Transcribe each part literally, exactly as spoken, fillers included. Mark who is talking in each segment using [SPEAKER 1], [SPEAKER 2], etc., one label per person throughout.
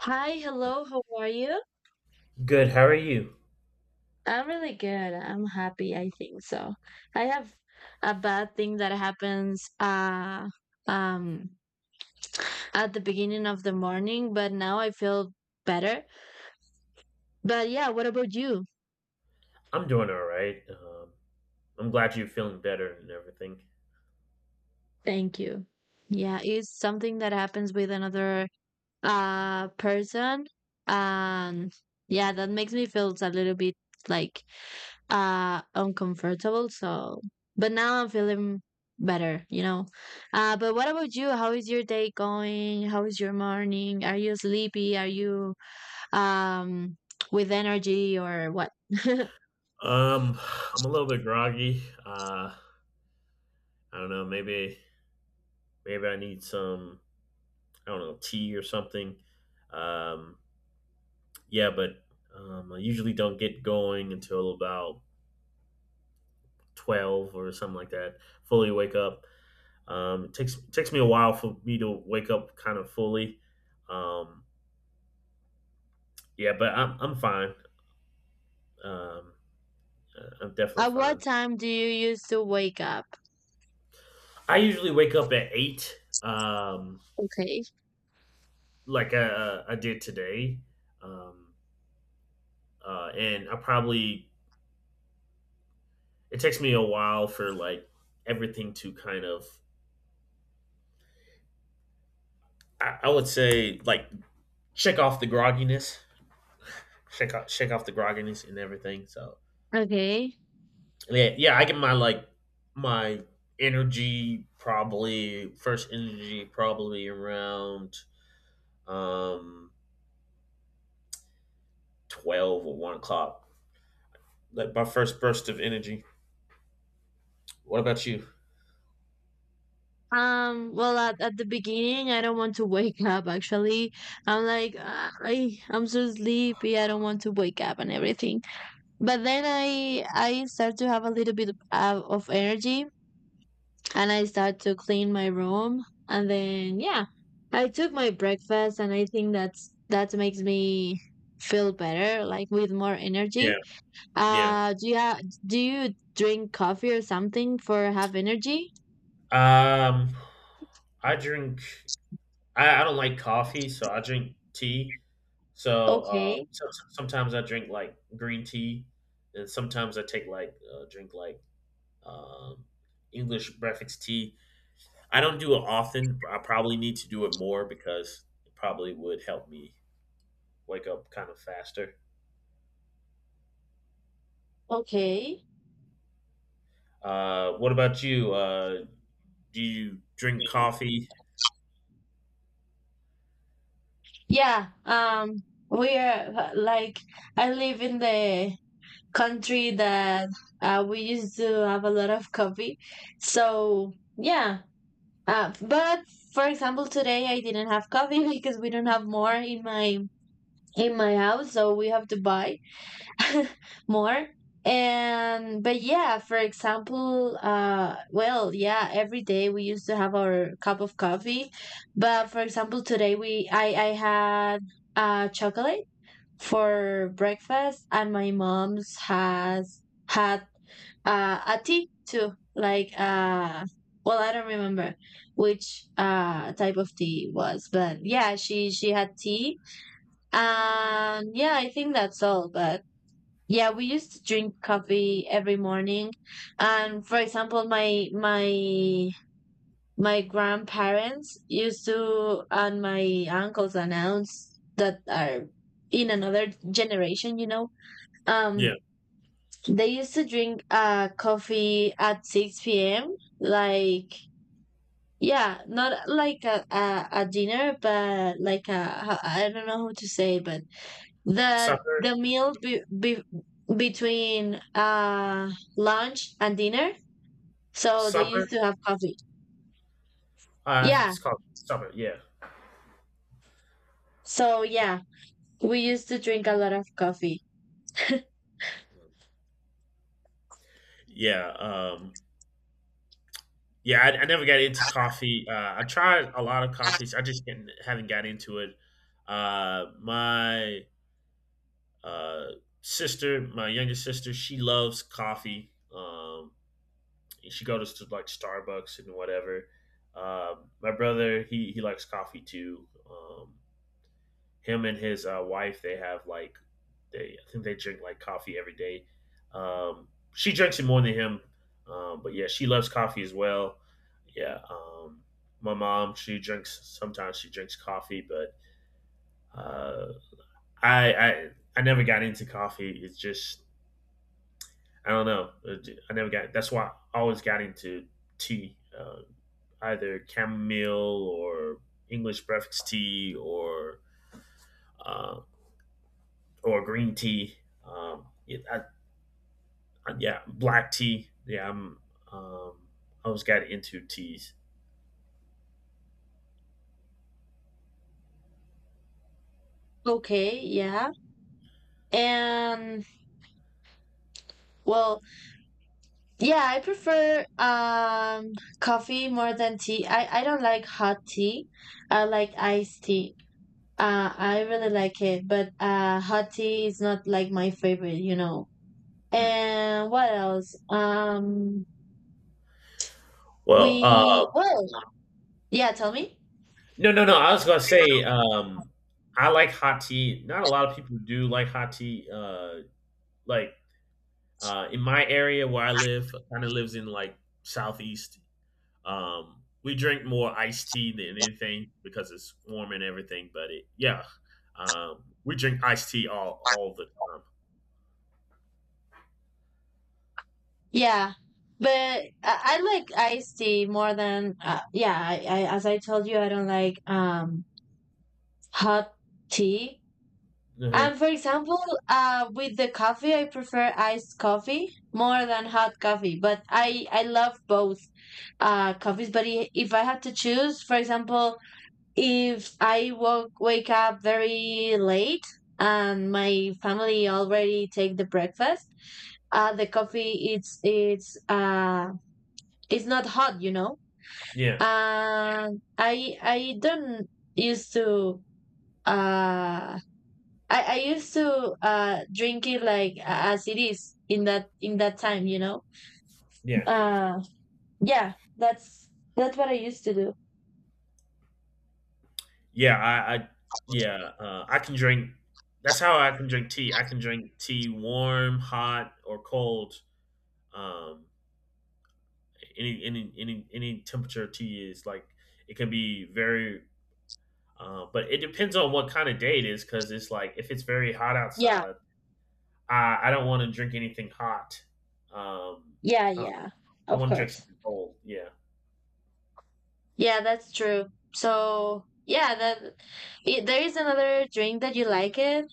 [SPEAKER 1] Hi, hello, how are you?
[SPEAKER 2] Good. How are you?
[SPEAKER 1] I'm really good. I'm happy, I think so. I have a bad thing that happens uh um at the beginning of the morning, but now I feel better. But yeah, what about you?
[SPEAKER 2] I'm doing all right. Um, I'm glad you're feeling better and everything.
[SPEAKER 1] Thank you. Yeah, it's something that happens with another uh person. Um yeah, that makes me feel a little bit like uh uncomfortable, so but now I'm feeling better you know uh But what about you? How is your day going? How is your morning? Are you sleepy? Are you um with energy or what?
[SPEAKER 2] Um, I'm a little bit groggy. Uh, I don't know. Maybe maybe I need some. I don't know, tea or something. Um, yeah, but um, I usually don't get going until about twelve or something like that. Fully wake up. Um, it takes takes me a while for me to wake up kind of fully. Um, yeah, but I'm I'm fine. Um, uh, I'm definitely
[SPEAKER 1] At what
[SPEAKER 2] fine.
[SPEAKER 1] time do you used to wake up?
[SPEAKER 2] I usually wake up at eight, um,
[SPEAKER 1] Okay.
[SPEAKER 2] like I, I did today, um, uh, and I probably it takes me a while for like everything to kind of I, I would say like shake off the grogginess, shake off, shake off the grogginess and everything. So
[SPEAKER 1] Okay.
[SPEAKER 2] yeah, yeah, I get my like my energy probably first energy probably around um twelve or one o'clock, like my first burst of energy. What about you?
[SPEAKER 1] Um well, at, at the beginning I don't want to wake up, actually. I'm like "Ah, I, I'm so sleepy, I don't want to wake up and everything. But then I I start to have a little bit of, uh, of energy, and I start to clean my room, and then yeah, I took my breakfast, and I think that's that makes me feel better, like with more
[SPEAKER 2] Yeah.
[SPEAKER 1] energy.
[SPEAKER 2] Yeah.
[SPEAKER 1] Uh do you ha- do you drink coffee or something for have energy?
[SPEAKER 2] Um, I drink. I, I don't like coffee, so I drink tea. So, uh,
[SPEAKER 1] Okay.
[SPEAKER 2] so so- sometimes I drink like green tea, and sometimes I take like uh, drink like um, English breakfast tea. I don't do it often. I probably need to do it more because it probably would help me wake up kind of faster.
[SPEAKER 1] Okay.
[SPEAKER 2] Uh, what about you? Uh, do you drink coffee?
[SPEAKER 1] Yeah, um we are uh, like I live in the country that uh, we used to have a lot of coffee. So yeah, uh, but for example, today I didn't have coffee because we don't have more in my in my house, so we have to buy more. And but yeah, for example, uh, well, yeah, every day we used to have our cup of coffee. But for example, today we I I had uh chocolate for breakfast, and my mom's has had uh ati too, like uh well, I don't remember which uh type of tea it was. But yeah, she she had tea, and yeah, I think that's all. But yeah, we used to drink coffee every morning. And for example, my my my grandparents used to, and my uncles and aunts that are in another generation, you know
[SPEAKER 2] Yeah.
[SPEAKER 1] um they used to drink uh coffee at six p m. Like, yeah, not like a, a, a dinner, but like a, I don't know how to say, but the
[SPEAKER 2] Supper?
[SPEAKER 1] the meal be, be, between uh lunch and dinner. So they
[SPEAKER 2] Supper?
[SPEAKER 1] used to have coffee.
[SPEAKER 2] Uh, I think
[SPEAKER 1] Yeah.
[SPEAKER 2] it's called supper. Yeah.
[SPEAKER 1] So yeah, we used to drink a lot of coffee.
[SPEAKER 2] Yeah, um, yeah, I, I never got into coffee. Uh, I tried a lot of coffees. I just didn't, haven't got into it. Uh, my uh, sister, my younger sister, she loves coffee. Um, she goes to like Starbucks and whatever. Um, my brother, he he likes coffee too. Um, him and his uh, wife they have like they I think they drink like coffee every day. Um, she drinks it more than him, um, but yeah, she loves coffee as well. Yeah, um, my mom she drinks sometimes she drinks coffee, but uh, I I I never got into coffee. It's just I don't know. It- I never got. That's why I always got into tea, uh, either chamomile or English breakfast tea or. Um, or green tea. Um, yeah, I, I- yeah, black tea. Yeah, I'm. Um, I was got into teas.
[SPEAKER 1] Okay, yeah. And well, yeah, I prefer um coffee more than tea. I I don't like hot tea. I like iced tea. Uh I really like it, but uh hot tea is not like my favorite, you know.
[SPEAKER 2] Mm.
[SPEAKER 1] And what else? Um
[SPEAKER 2] Well,
[SPEAKER 1] we
[SPEAKER 2] uh,
[SPEAKER 1] Well, yeah, tell me.
[SPEAKER 2] no, no, no. I was gonna say, um, I like hot tea. Not a lot of people do like hot tea. Uh, like uh, in my area where I live, kind of lives in like southeast. Um, we drink more iced tea than anything because it's warm and everything. But it, yeah, um, we drink iced tea all all the time.
[SPEAKER 1] Yeah. But I, I like iced tea more than uh, yeah, I, I as I told you, I don't like um hot tea.
[SPEAKER 2] Uh-huh.
[SPEAKER 1] And for example, uh, with the coffee, I prefer iced coffee more than hot coffee, but I I love both uh coffees. But i- if I had to choose, for example, if I woke wake up very late and my family already take the breakfast, uh, the coffee, it's it's uh it's not hot, you know.
[SPEAKER 2] Yeah,
[SPEAKER 1] And I I don't used to uh I, I used to uh drink it like a- as it is in that in that time, you know.
[SPEAKER 2] yeah.
[SPEAKER 1] Uh yeah, that's that's what I used to do.
[SPEAKER 2] Yeah, I, I yeah, uh, I can drink. That's how I can drink tea. I can drink tea warm, hot, or cold. Um, any any any any temperature tea is like it can be very. Uh, but it depends on what kind of day it is, because it's like if it's very hot
[SPEAKER 1] Yeah.
[SPEAKER 2] outside, I I don't want to drink anything hot. Um,
[SPEAKER 1] Yeah,
[SPEAKER 2] I,
[SPEAKER 1] yeah.
[SPEAKER 2] I
[SPEAKER 1] Of
[SPEAKER 2] want to drink
[SPEAKER 1] course.
[SPEAKER 2] something cold. Yeah.
[SPEAKER 1] Yeah, that's true. So, yeah, that I there is another drink that you like it.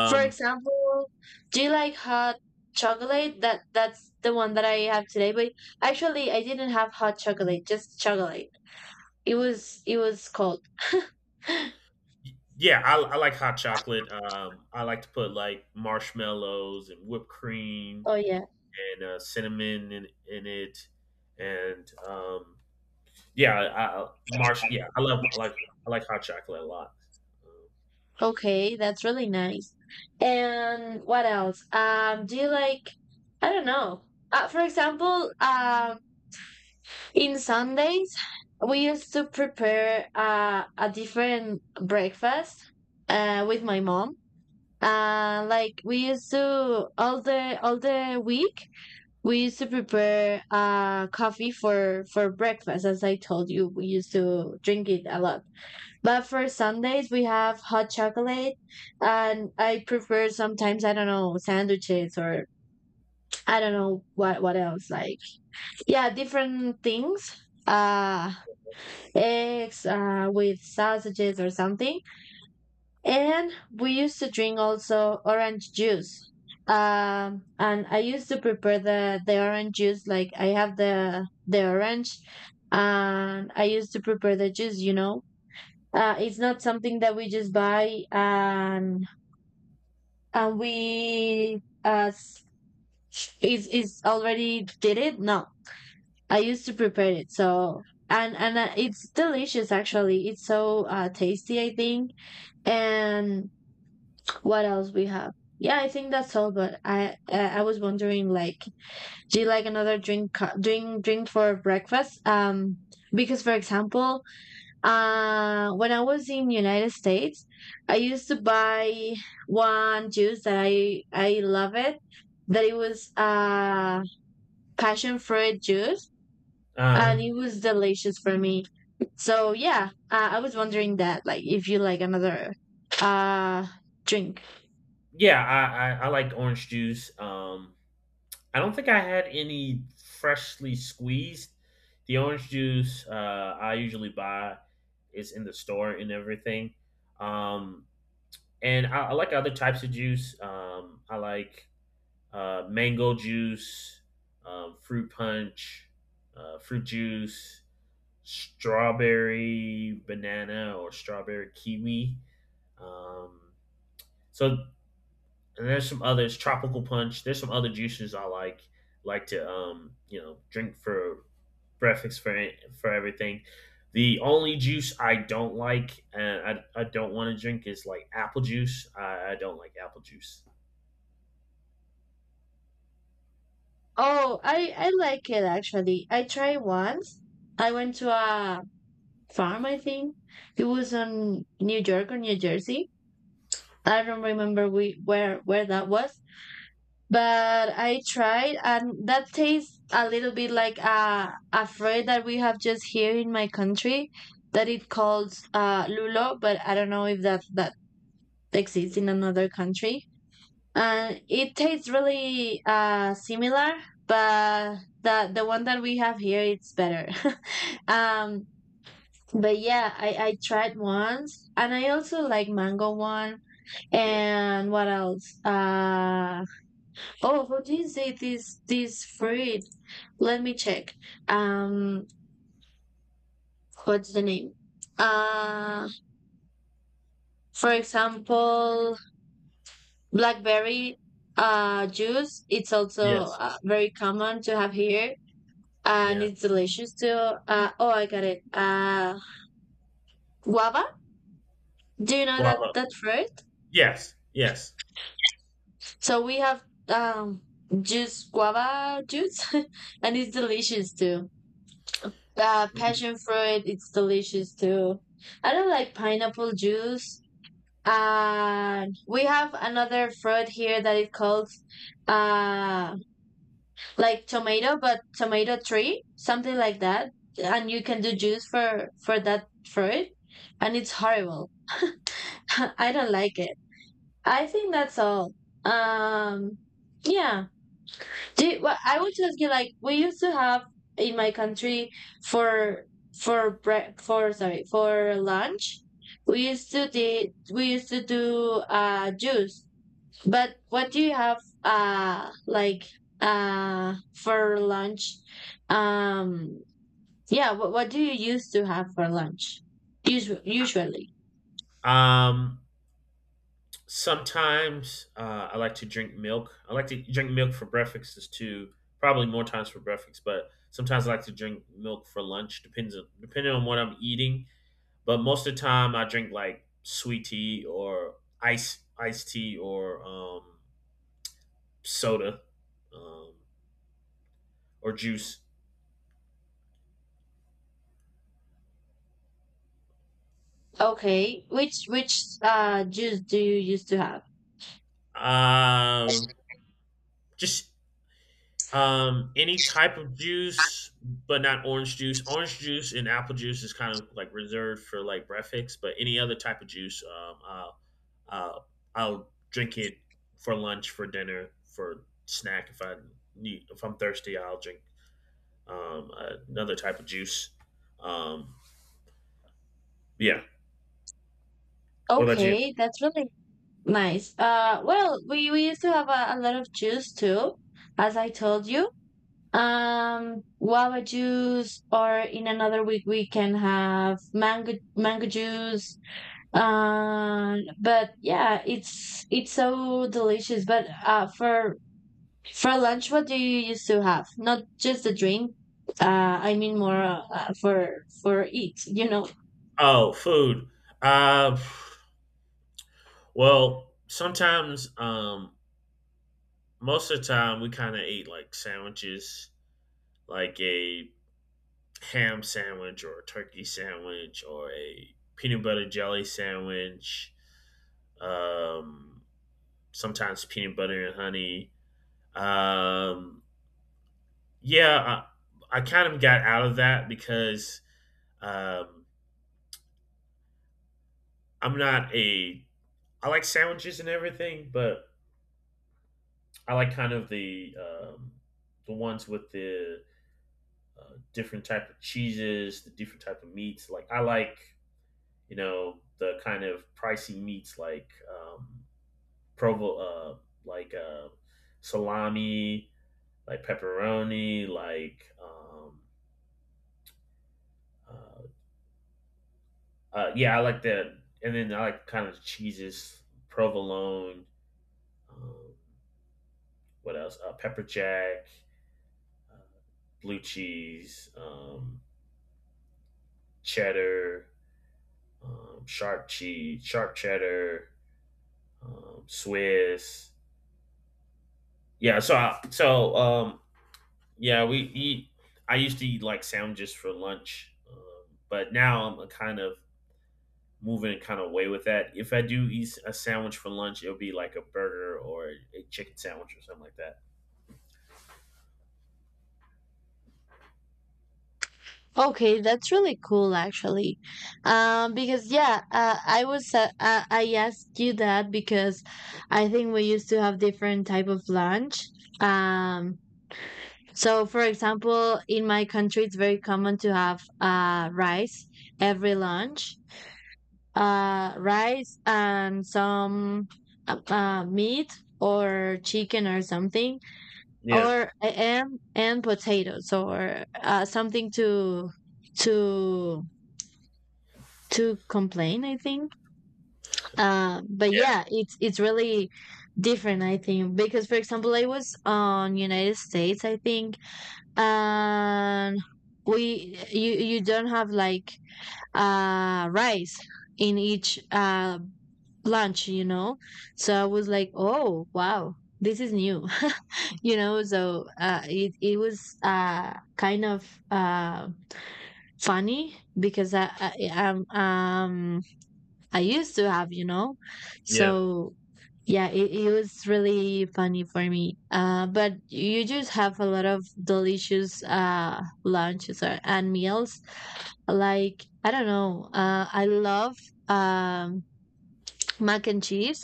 [SPEAKER 1] For example, do you like hot chocolate? That that's the one that I have today, but actually I didn't have hot chocolate, just chocolate. It was it was cold.
[SPEAKER 2] y- yeah, I, I like hot chocolate. Um, I like to put like marshmallows and whipped cream
[SPEAKER 1] Oh yeah.
[SPEAKER 2] and uh, cinnamon in, in it, and um, yeah, I, I, marsh. Yeah, I love I like I like hot chocolate a lot.
[SPEAKER 1] Okay, that's really nice. And what else? Um, do you like, I don't know. Uh, for example, um, in Sundays, we used to prepare uh, a different breakfast uh, with my mom. Uh, like we used to all the all the week, we used to prepare uh coffee for for breakfast. As I told you, we used to drink it a lot. But for Sundays, we have hot chocolate, and I prefer sometimes I don't know sandwiches or I don't know what what else, like, yeah, different things, uh eggs uh with sausages or something, and we used to drink also orange juice. Um and I used to prepare the the orange juice. Like, I have the the orange, and I used to prepare the juice, you know. Uh, it's not something that we just buy and and we as is is already did it. No, I used to prepare it. So and and uh, it's delicious actually. It's so uh, tasty, I think. And what else we have? Yeah, I think that's all. But I uh, I was wondering, like, do you like another drink co- drink drink for breakfast? Um, because for example, Uh, when I was in United States, I used to buy one juice that I I love it. That it was uh passion fruit juice,
[SPEAKER 2] Um, Uh,
[SPEAKER 1] and it was delicious for me. So yeah, uh, I was wondering that, like, if you like another uh drink.
[SPEAKER 2] yeah, I, I I like orange juice. Um, I don't think I had any freshly squeezed. The orange juice uh, I usually buy is in the store and everything. Um, and I, I like other types of juice. Um, I like uh, mango juice, um, fruit punch, uh, fruit juice, strawberry banana or strawberry kiwi. Um, so and there's some others, tropical punch. There's some other juices I like like to um, you know drink for breakfast for for everything. The only juice I don't like and I, I don't want to drink is like apple juice. I, I don't like apple juice.
[SPEAKER 1] Oh, I I like it actually. I tried once. I went to a farm, I think. It was on New York or New Jersey. I don't remember we where where that was, but I tried, and that tastes a little bit like a a fruit that we have just here in my country that it calls uh, lulo, but I don't know if that that exists in another country. And it tastes really uh, similar, but the the one that we have here it's better. um, but yeah, I I tried once, and I also like mango one,
[SPEAKER 2] Yeah.
[SPEAKER 1] and what else? Uh Oh, how do you say This this fruit? Let me check. Um, what's the name? Uh, for example, blackberry uh juice. It's also
[SPEAKER 2] Yes.
[SPEAKER 1] uh, very common to have here, and
[SPEAKER 2] Yeah.
[SPEAKER 1] it's delicious too. Uh, oh, I got it. Uh, guava. Do you know that
[SPEAKER 2] Guava.
[SPEAKER 1] that fruit?
[SPEAKER 2] Yes, yes.
[SPEAKER 1] So we have um juice guava juice, and it's delicious too. Uh, passion fruit, it's delicious too. I don't like pineapple juice. And we have another fruit here that it called uh like tomato, but tomato tree, something like that. And you can do juice for for that fruit, and it's horrible. I don't like it. I think that's all. Um, yeah. Do Well, I want to ask you, like, we used to have in my country for for break for sorry, for lunch, we used to do we used to do uh juice. But what do you have uh like uh for lunch? Um, yeah. What what do you used to have for lunch? Usu usually.
[SPEAKER 2] Um, Sometimes uh, I like to drink milk. I like to drink milk for breakfast is too. Probably more times for breakfast, but sometimes I like to drink milk for lunch. Depends on, depending on what I'm eating. But most of the time, I drink like sweet tea or ice iced tea or um, soda, um, or juice.
[SPEAKER 1] Okay. Which which uh juice do you used to have?
[SPEAKER 2] Um, just Um, any type of juice, but not orange juice. Orange juice and apple juice is kind of like reserved for like breakfast, but any other type of juice, um, I'll, I'll I'll drink it for lunch, for dinner, for snack. If I need, if I'm thirsty, I'll drink um, another type of juice. Um, yeah. What about you?
[SPEAKER 1] Okay, that's really nice. Uh, well, we, we used to have a, a lot of juice too, as I told you. Um, guava juice, or in another week we can have mango mango juice. Um, but yeah, it's it's so delicious. But uh, for for lunch, what do you used to have? Not just the drink. Uh, I mean more uh, for for eat. You know.
[SPEAKER 2] Oh, food. Uh, well, sometimes, um, most of the time, we kind of ate like sandwiches, like a ham sandwich or a turkey sandwich or a peanut butter jelly sandwich. Um, Sometimes peanut butter and honey. Um, yeah, I, I kind of got out of that because um, I'm not a. I like sandwiches and everything, but I like kind of the um, the ones with the uh, different type of cheeses, the different type of meats. Like I like you know the kind of pricey meats like um, provo uh, like uh, salami, like pepperoni, like um, uh, uh, yeah, I like that. And then I like kind of cheeses, provolone, um, what else? Uh, pepper jack, uh, blue cheese, um, cheddar, um, sharp cheese, sharp cheddar, um, Swiss. Yeah, so I, so um, Yeah, we eat. I used to eat like sandwiches for lunch, um, but now I'm a kind of moving kind of away with that. If I do eat a sandwich for lunch, it'll be like a burger or a chicken sandwich or something like that.
[SPEAKER 1] Okay, that's really cool actually. Um, because yeah, uh, I was uh, uh, I asked you that because I think we used to have different type of lunch. Um, so for example, in my country, it's very common to have uh rice every lunch. Uh, rice and some uh, uh, meat or chicken or something,
[SPEAKER 2] Yeah,
[SPEAKER 1] or and and potatoes or uh, something to to to complain, I think. Uh, but
[SPEAKER 2] yeah,
[SPEAKER 1] yeah, it's it's really different, I think. Because for example, I was on United States, I think. And we you you don't have like uh rice in each uh lunch, you know. So I was like, oh wow, this is new. You know, so uh, it, it was uh, kind of uh, funny because I, I, I'm, um I used to have, you know?
[SPEAKER 2] yeah,
[SPEAKER 1] So yeah, it, it was really funny for me. Uh, but you just have a lot of delicious uh lunches or, and meals. Like I don't know, uh, I love um mac and cheese.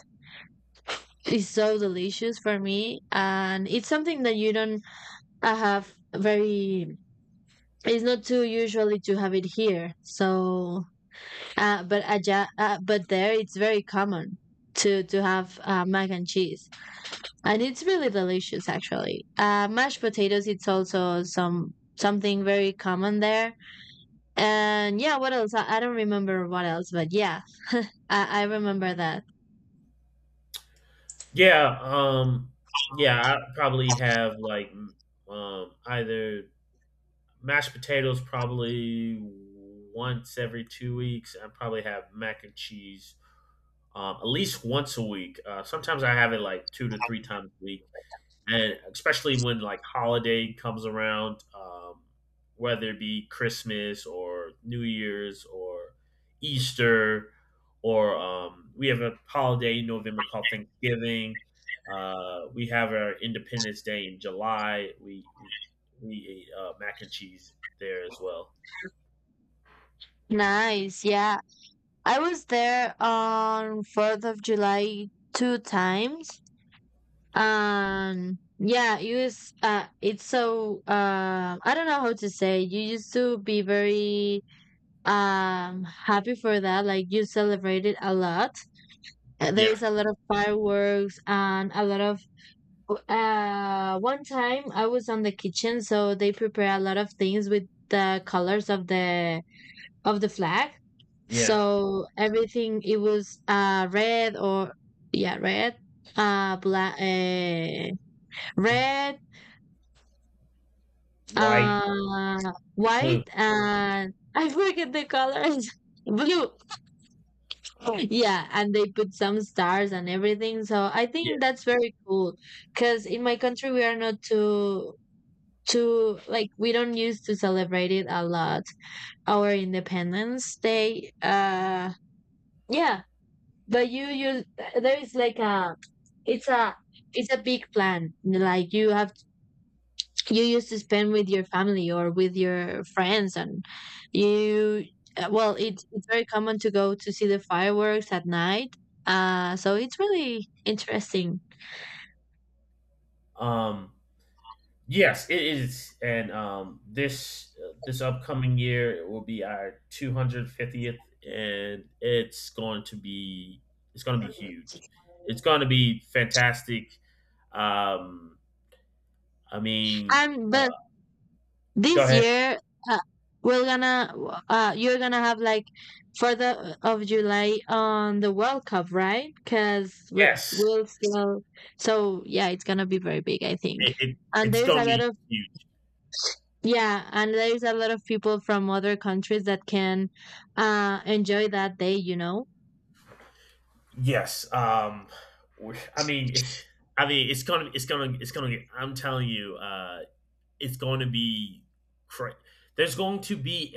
[SPEAKER 1] It's so delicious for me, and it's something that you don't uh, have very. It's not too usually to have it here, so Uh, but aja, uh, but there it's very common to to have uh, mac and cheese, and it's really delicious actually. Uh, mashed potatoes, it's also some something very common there. And yeah, what else? I, I don't remember what else, but yeah, I, I remember that.
[SPEAKER 2] yeah. Um, yeah. I probably have like m- um either mashed potatoes probably once every two weeks. I probably have mac and cheese um, at least once a week. Uh, sometimes I have it like two to three times a week, and especially when like holiday comes around, um, whether it be Christmas or New Year's or Easter, or um, we have a holiday in November called Thanksgiving. Uh, we have our Independence Day in July. We we we ate uh, mac and cheese there as well.
[SPEAKER 1] Nice, yeah. I was there on Fourth of July two times, and yeah, it was. Uh, it's so. Uh, I don't know how to say. You used to be very Um, happy for that. Like you celebrated a lot. Uh, There
[SPEAKER 2] Yeah,
[SPEAKER 1] is a lot of fireworks and a lot of. Uh, one time I was on the kitchen, so they prepare a lot of things with the colors of the of the flag.
[SPEAKER 2] yeah,
[SPEAKER 1] So everything it was uh red or, yeah, red, uh black, uh,
[SPEAKER 2] it's
[SPEAKER 1] red,
[SPEAKER 2] white,
[SPEAKER 1] uh
[SPEAKER 2] blue.
[SPEAKER 1] white, and I forget the colors. Blue. Yeah, and they put some stars and everything, so I
[SPEAKER 2] Yeah.
[SPEAKER 1] think that's very cool because in my country we are not too too like, we don't used to celebrate it a lot, our independence day. Uh yeah, but you you there is like a, it's a, it's a big plan. Like you have, you used to spend with your family or with your friends, and you, uh, well it's it's very common to go to see the fireworks at night. Uh so it's really interesting.
[SPEAKER 2] Um, Yes, it is, and um, this this upcoming year will be our two hundred fiftieth, and it's going to be it's going to be huge. It's going to be fantastic. Um, I mean,
[SPEAKER 1] Um
[SPEAKER 2] uh,
[SPEAKER 1] but
[SPEAKER 2] go
[SPEAKER 1] this
[SPEAKER 2] ahead.
[SPEAKER 1] year, uh, we're gonna, uh you're gonna have like, for the of July on the World Cup, right? Because
[SPEAKER 2] Yes,
[SPEAKER 1] we'll still, so yeah, it's gonna be very big, I think.
[SPEAKER 2] it, it
[SPEAKER 1] And
[SPEAKER 2] it's
[SPEAKER 1] there's
[SPEAKER 2] going to
[SPEAKER 1] a lot
[SPEAKER 2] be
[SPEAKER 1] of,
[SPEAKER 2] huge.
[SPEAKER 1] yeah, and there's a lot of people from other countries that can uh enjoy that day, you know.
[SPEAKER 2] Yes. Um, we- I mean, it's, I mean, it's gonna, it's gonna, it's gonna get. I'm telling you, uh, it's going to be cra- there's going to be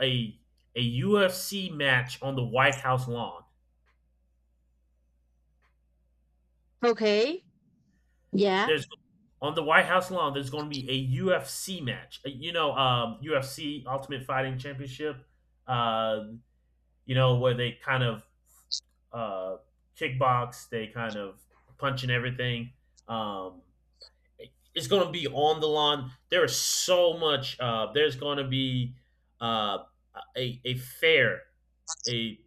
[SPEAKER 2] a a a U F C match on the White House lawn.
[SPEAKER 1] Okay. Yeah.
[SPEAKER 2] There's On the White House lawn, there's going to be a U F C match. Uh, You know, um, U F C Ultimate Fighting Championship. Uh, you know where they kind of uh, kickbox, they kind of punch and everything. Um, it's going to be on the lawn. There is so much. Uh, there's going to be uh, a a fair, a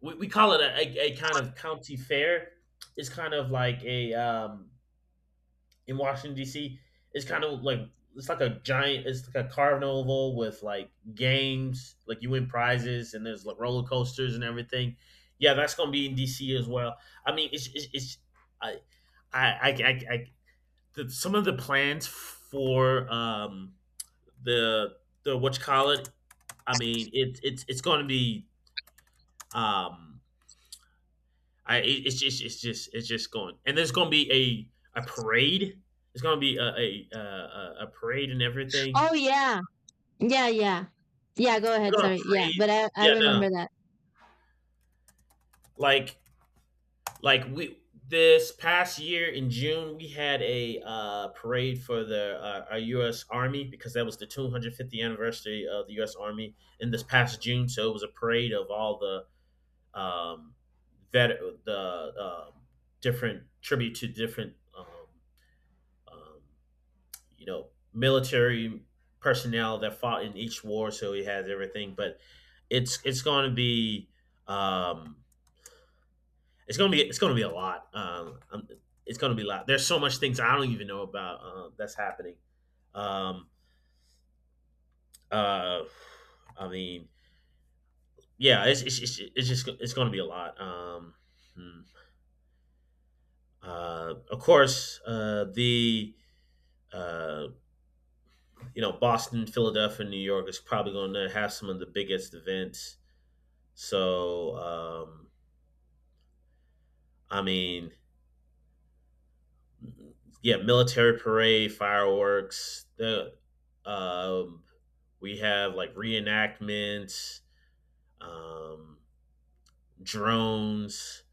[SPEAKER 2] we, we call it a, a, a kind of county fair. It's kind of like a um in Washington D C. It's kind of like it's like a giant. It's like a carnival with like games. Like you win prizes and there's like roller coasters and everything. Yeah, that's gonna be in D C as well. I mean, it's it's, it's I I I, I, I the, some of the plans for um the the what you call it. I mean, it's it's it's going to be um I it's just it's just it's just going and there's going to be a a parade. It's going to be a a, a a- a parade and everything.
[SPEAKER 1] Oh yeah. Yeah, yeah. Yeah, go
[SPEAKER 2] We're
[SPEAKER 1] ahead,
[SPEAKER 2] going
[SPEAKER 1] sorry.
[SPEAKER 2] to
[SPEAKER 1] Yeah,
[SPEAKER 2] parade.
[SPEAKER 1] but I I
[SPEAKER 2] Yeah, no, no.
[SPEAKER 1] remember that.
[SPEAKER 2] like like we this past year in June we had a uh, parade for the uh, our U S. Army because that was the two hundred fiftieth anniversary of the U S. Army in this past June. So it was a parade of all the um, vet the um different tribute to different um, um, you know military personnel that fought in each war, so he has everything. But it's it's going to be um, it's going to be it's going to be a lot. Um, um, it's going to be a lot. There's so much things I don't even know about uh, that's happening. Um, uh, I mean, yeah, it's it's, it's, it's just it's going to be a lot. Um, hmm. Uh, of course, uh, the uh, you know Boston, Philadelphia, New York is probably going to have some of the biggest events. So, um, I mean, yeah, military parade, fireworks. The um, we have like reenactments, um, drones.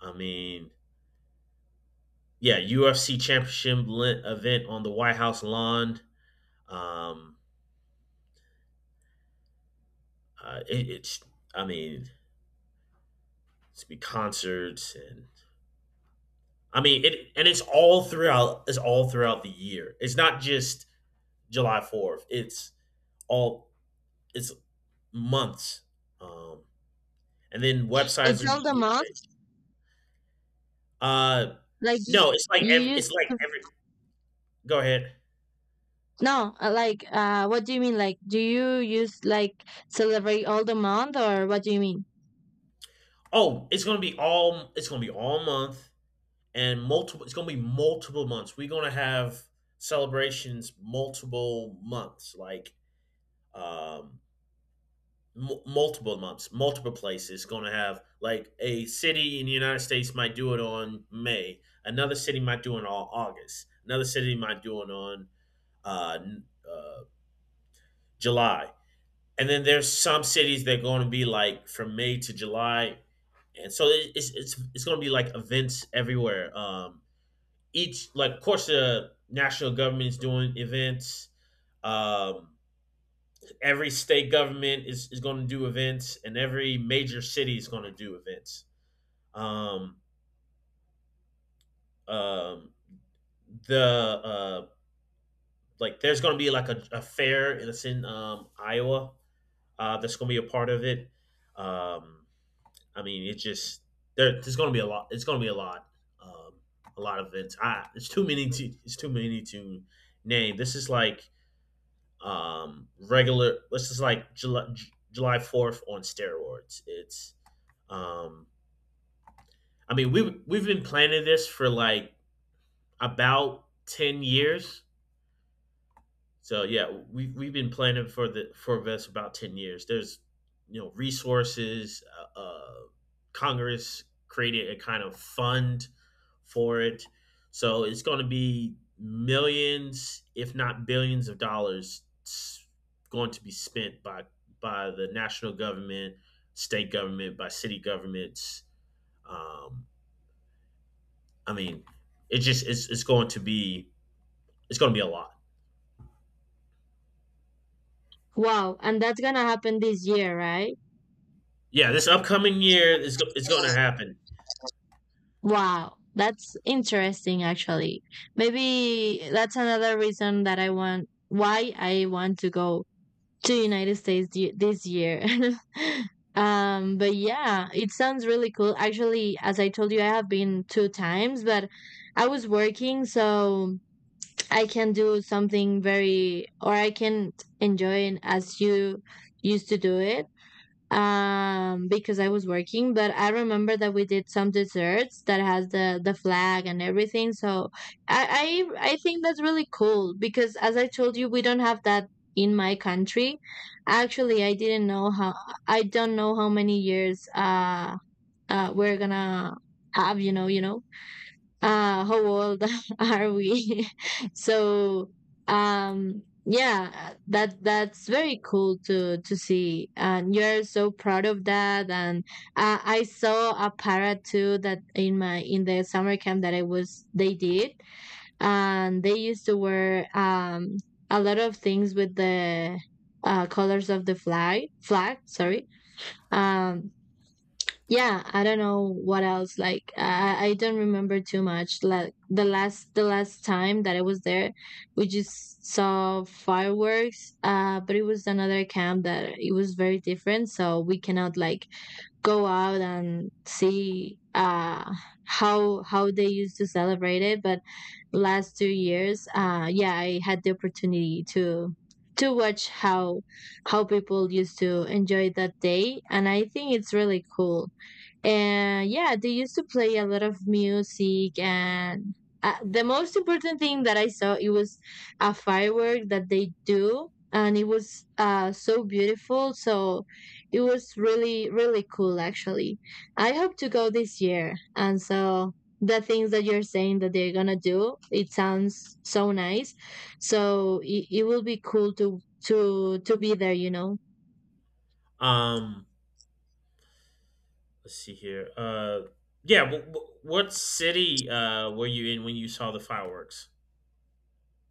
[SPEAKER 2] I mean, yeah, U F C championship le- event on the White House lawn. Um, uh, it, it's, I mean, it's be concerts and I mean it, and it's all throughout. It's all throughout the year. It's not just July fourth. It's all it's months. Um, and then websites
[SPEAKER 1] It's
[SPEAKER 2] are
[SPEAKER 1] all the
[SPEAKER 2] getting
[SPEAKER 1] month,
[SPEAKER 2] changed. Uh,
[SPEAKER 1] like you
[SPEAKER 2] no, it's like
[SPEAKER 1] you
[SPEAKER 2] every,
[SPEAKER 1] use
[SPEAKER 2] it's like every. Go ahead.
[SPEAKER 1] No, uh, like uh what do you mean, like, do you use like celebrate all the month, or what do you mean?
[SPEAKER 2] Oh, it's gonna be all it's gonna be all month and multiple. It's gonna be multiple months. We're gonna have celebrations multiple months. Like um, m- multiple months, multiple places going to have like a city in the United States might do it on May, another city might do it on August, another city might do it on uh, uh, July, and then there's some cities that are going to be like from May to July, and so it- it's it's it's going to be like events everywhere. Um, each like of course the national government is doing events. Um, every state government is, is going to do events and every major city is going to do events, um, um, the uh, like there's going to be like a, a fair in it's in um, Iowa, uh, that's going to be a part of it. um, I mean it just there, there's going to be a lot, it's going to be a lot um, a lot of events. I, it's too many to It's too many to name. This is like um, regular. Let's just like July July fourth on steroids. It's um, I mean we we've been planning this for like about ten years. So yeah, we've we've been planning for the for this about ten years. There's you know resources. Uh, uh, Congress created a kind of fund for it, so it's going to be millions, if not billions, of dollars s- going to be spent by by the national government, state government, by city governments. Um, I mean, it just it's, it's going to be it's going to be a lot.
[SPEAKER 1] Wow, and that's going to happen this year, right?
[SPEAKER 2] Yeah, this upcoming year is go- it's going to happen.
[SPEAKER 1] Wow, that's interesting, actually. Maybe that's another reason that I want why I want to go to United States thi- this year. Um but yeah, it sounds really cool. Actually, as I told you, I have been two times, but I was working, so I can do something very, or I can enjoy it as you used to do it, um because I was working. But I remember that we did some desserts that has the the flag and everything. So I I, I think that's really cool because, as I told you, we don't have that in my country. Actually, I didn't know how I don't know how many years uh uh we're gonna have, you know, you know uh how old are we so, um yeah, that that's very cool to to see, and you're so proud of that. And uh, I saw a parrot too, that in my, in the summer camp that I was, they did, and they used to wear um a lot of things with the uh, colors of the flag flag, sorry. um yeah, I don't know what else. Like i i I don't remember too much, like the last the last time that I was there, we just saw fireworks. Uh but it was another camp that it was very different, so we cannot like go out and see uh how how they used to celebrate it. But last two years, uh yeah, I had the opportunity to to watch how how people used to enjoy that day, and I think it's really cool. And yeah, they used to play a lot of music, and uh, the most important thing that I saw, it was a firework that they do, and it was uh so beautiful. So it was really, really cool, actually. I hope to go this year, and so the things that you're saying that they're gonna do, it sounds so nice. So it, it will be cool to to to be there, you know.
[SPEAKER 2] Um, let's see here. Uh, yeah. W- w- what city uh were you in when you saw the fireworks?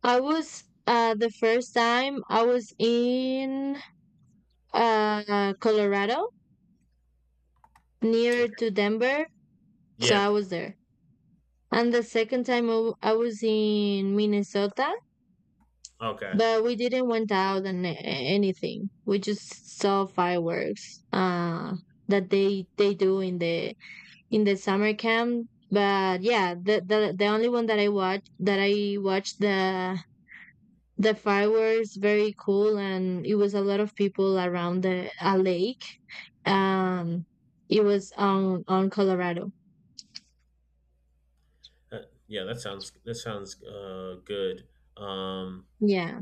[SPEAKER 1] I was, uh the first time I was in uh, Colorado, near to
[SPEAKER 2] Okay.
[SPEAKER 1] Denver. So
[SPEAKER 2] Yeah.
[SPEAKER 1] I was there. And the second time I w- I was in Minnesota,
[SPEAKER 2] Okay.
[SPEAKER 1] but we didn't went out and a- anything. We just saw fireworks, uh, that they they do in the, in the summer camp. But yeah, the, the the only one that I watched that I watched the the fireworks, very cool, and it was a lot of people around the a lake. Um, it was on on Colorado.
[SPEAKER 2] Uh, yeah. That sounds. That sounds uh good. Um.
[SPEAKER 1] Yeah.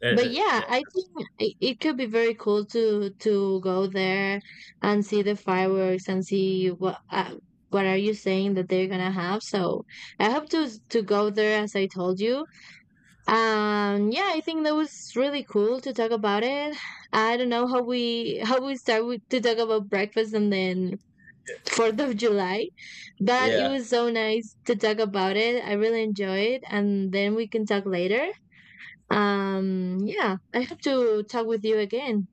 [SPEAKER 2] that-
[SPEAKER 1] But
[SPEAKER 2] that- Yeah.
[SPEAKER 1] yeah, I think it, it could be very cool to to go there and see the fireworks and see what uh, what are you saying that they're gonna have. So I hope to to go there, as I told you. Um, yeah, I think that was really cool to talk about it. I don't know how we how we start with, to talk about breakfast and then Fourth of July, but it
[SPEAKER 2] Yeah.
[SPEAKER 1] was so nice to talk about it. I really enjoyed, and then we can talk later. Um, yeah, I have to talk with you again.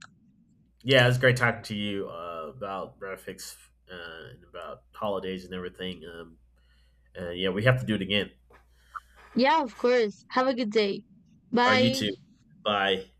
[SPEAKER 2] Yeah. It was great talking to you uh, about graphics uh, and about holidays and everything. Um. And yeah, we have to do it again.
[SPEAKER 1] Yeah, of course. Have a good day.
[SPEAKER 2] All right. You
[SPEAKER 1] Bye.
[SPEAKER 2] too. Bye.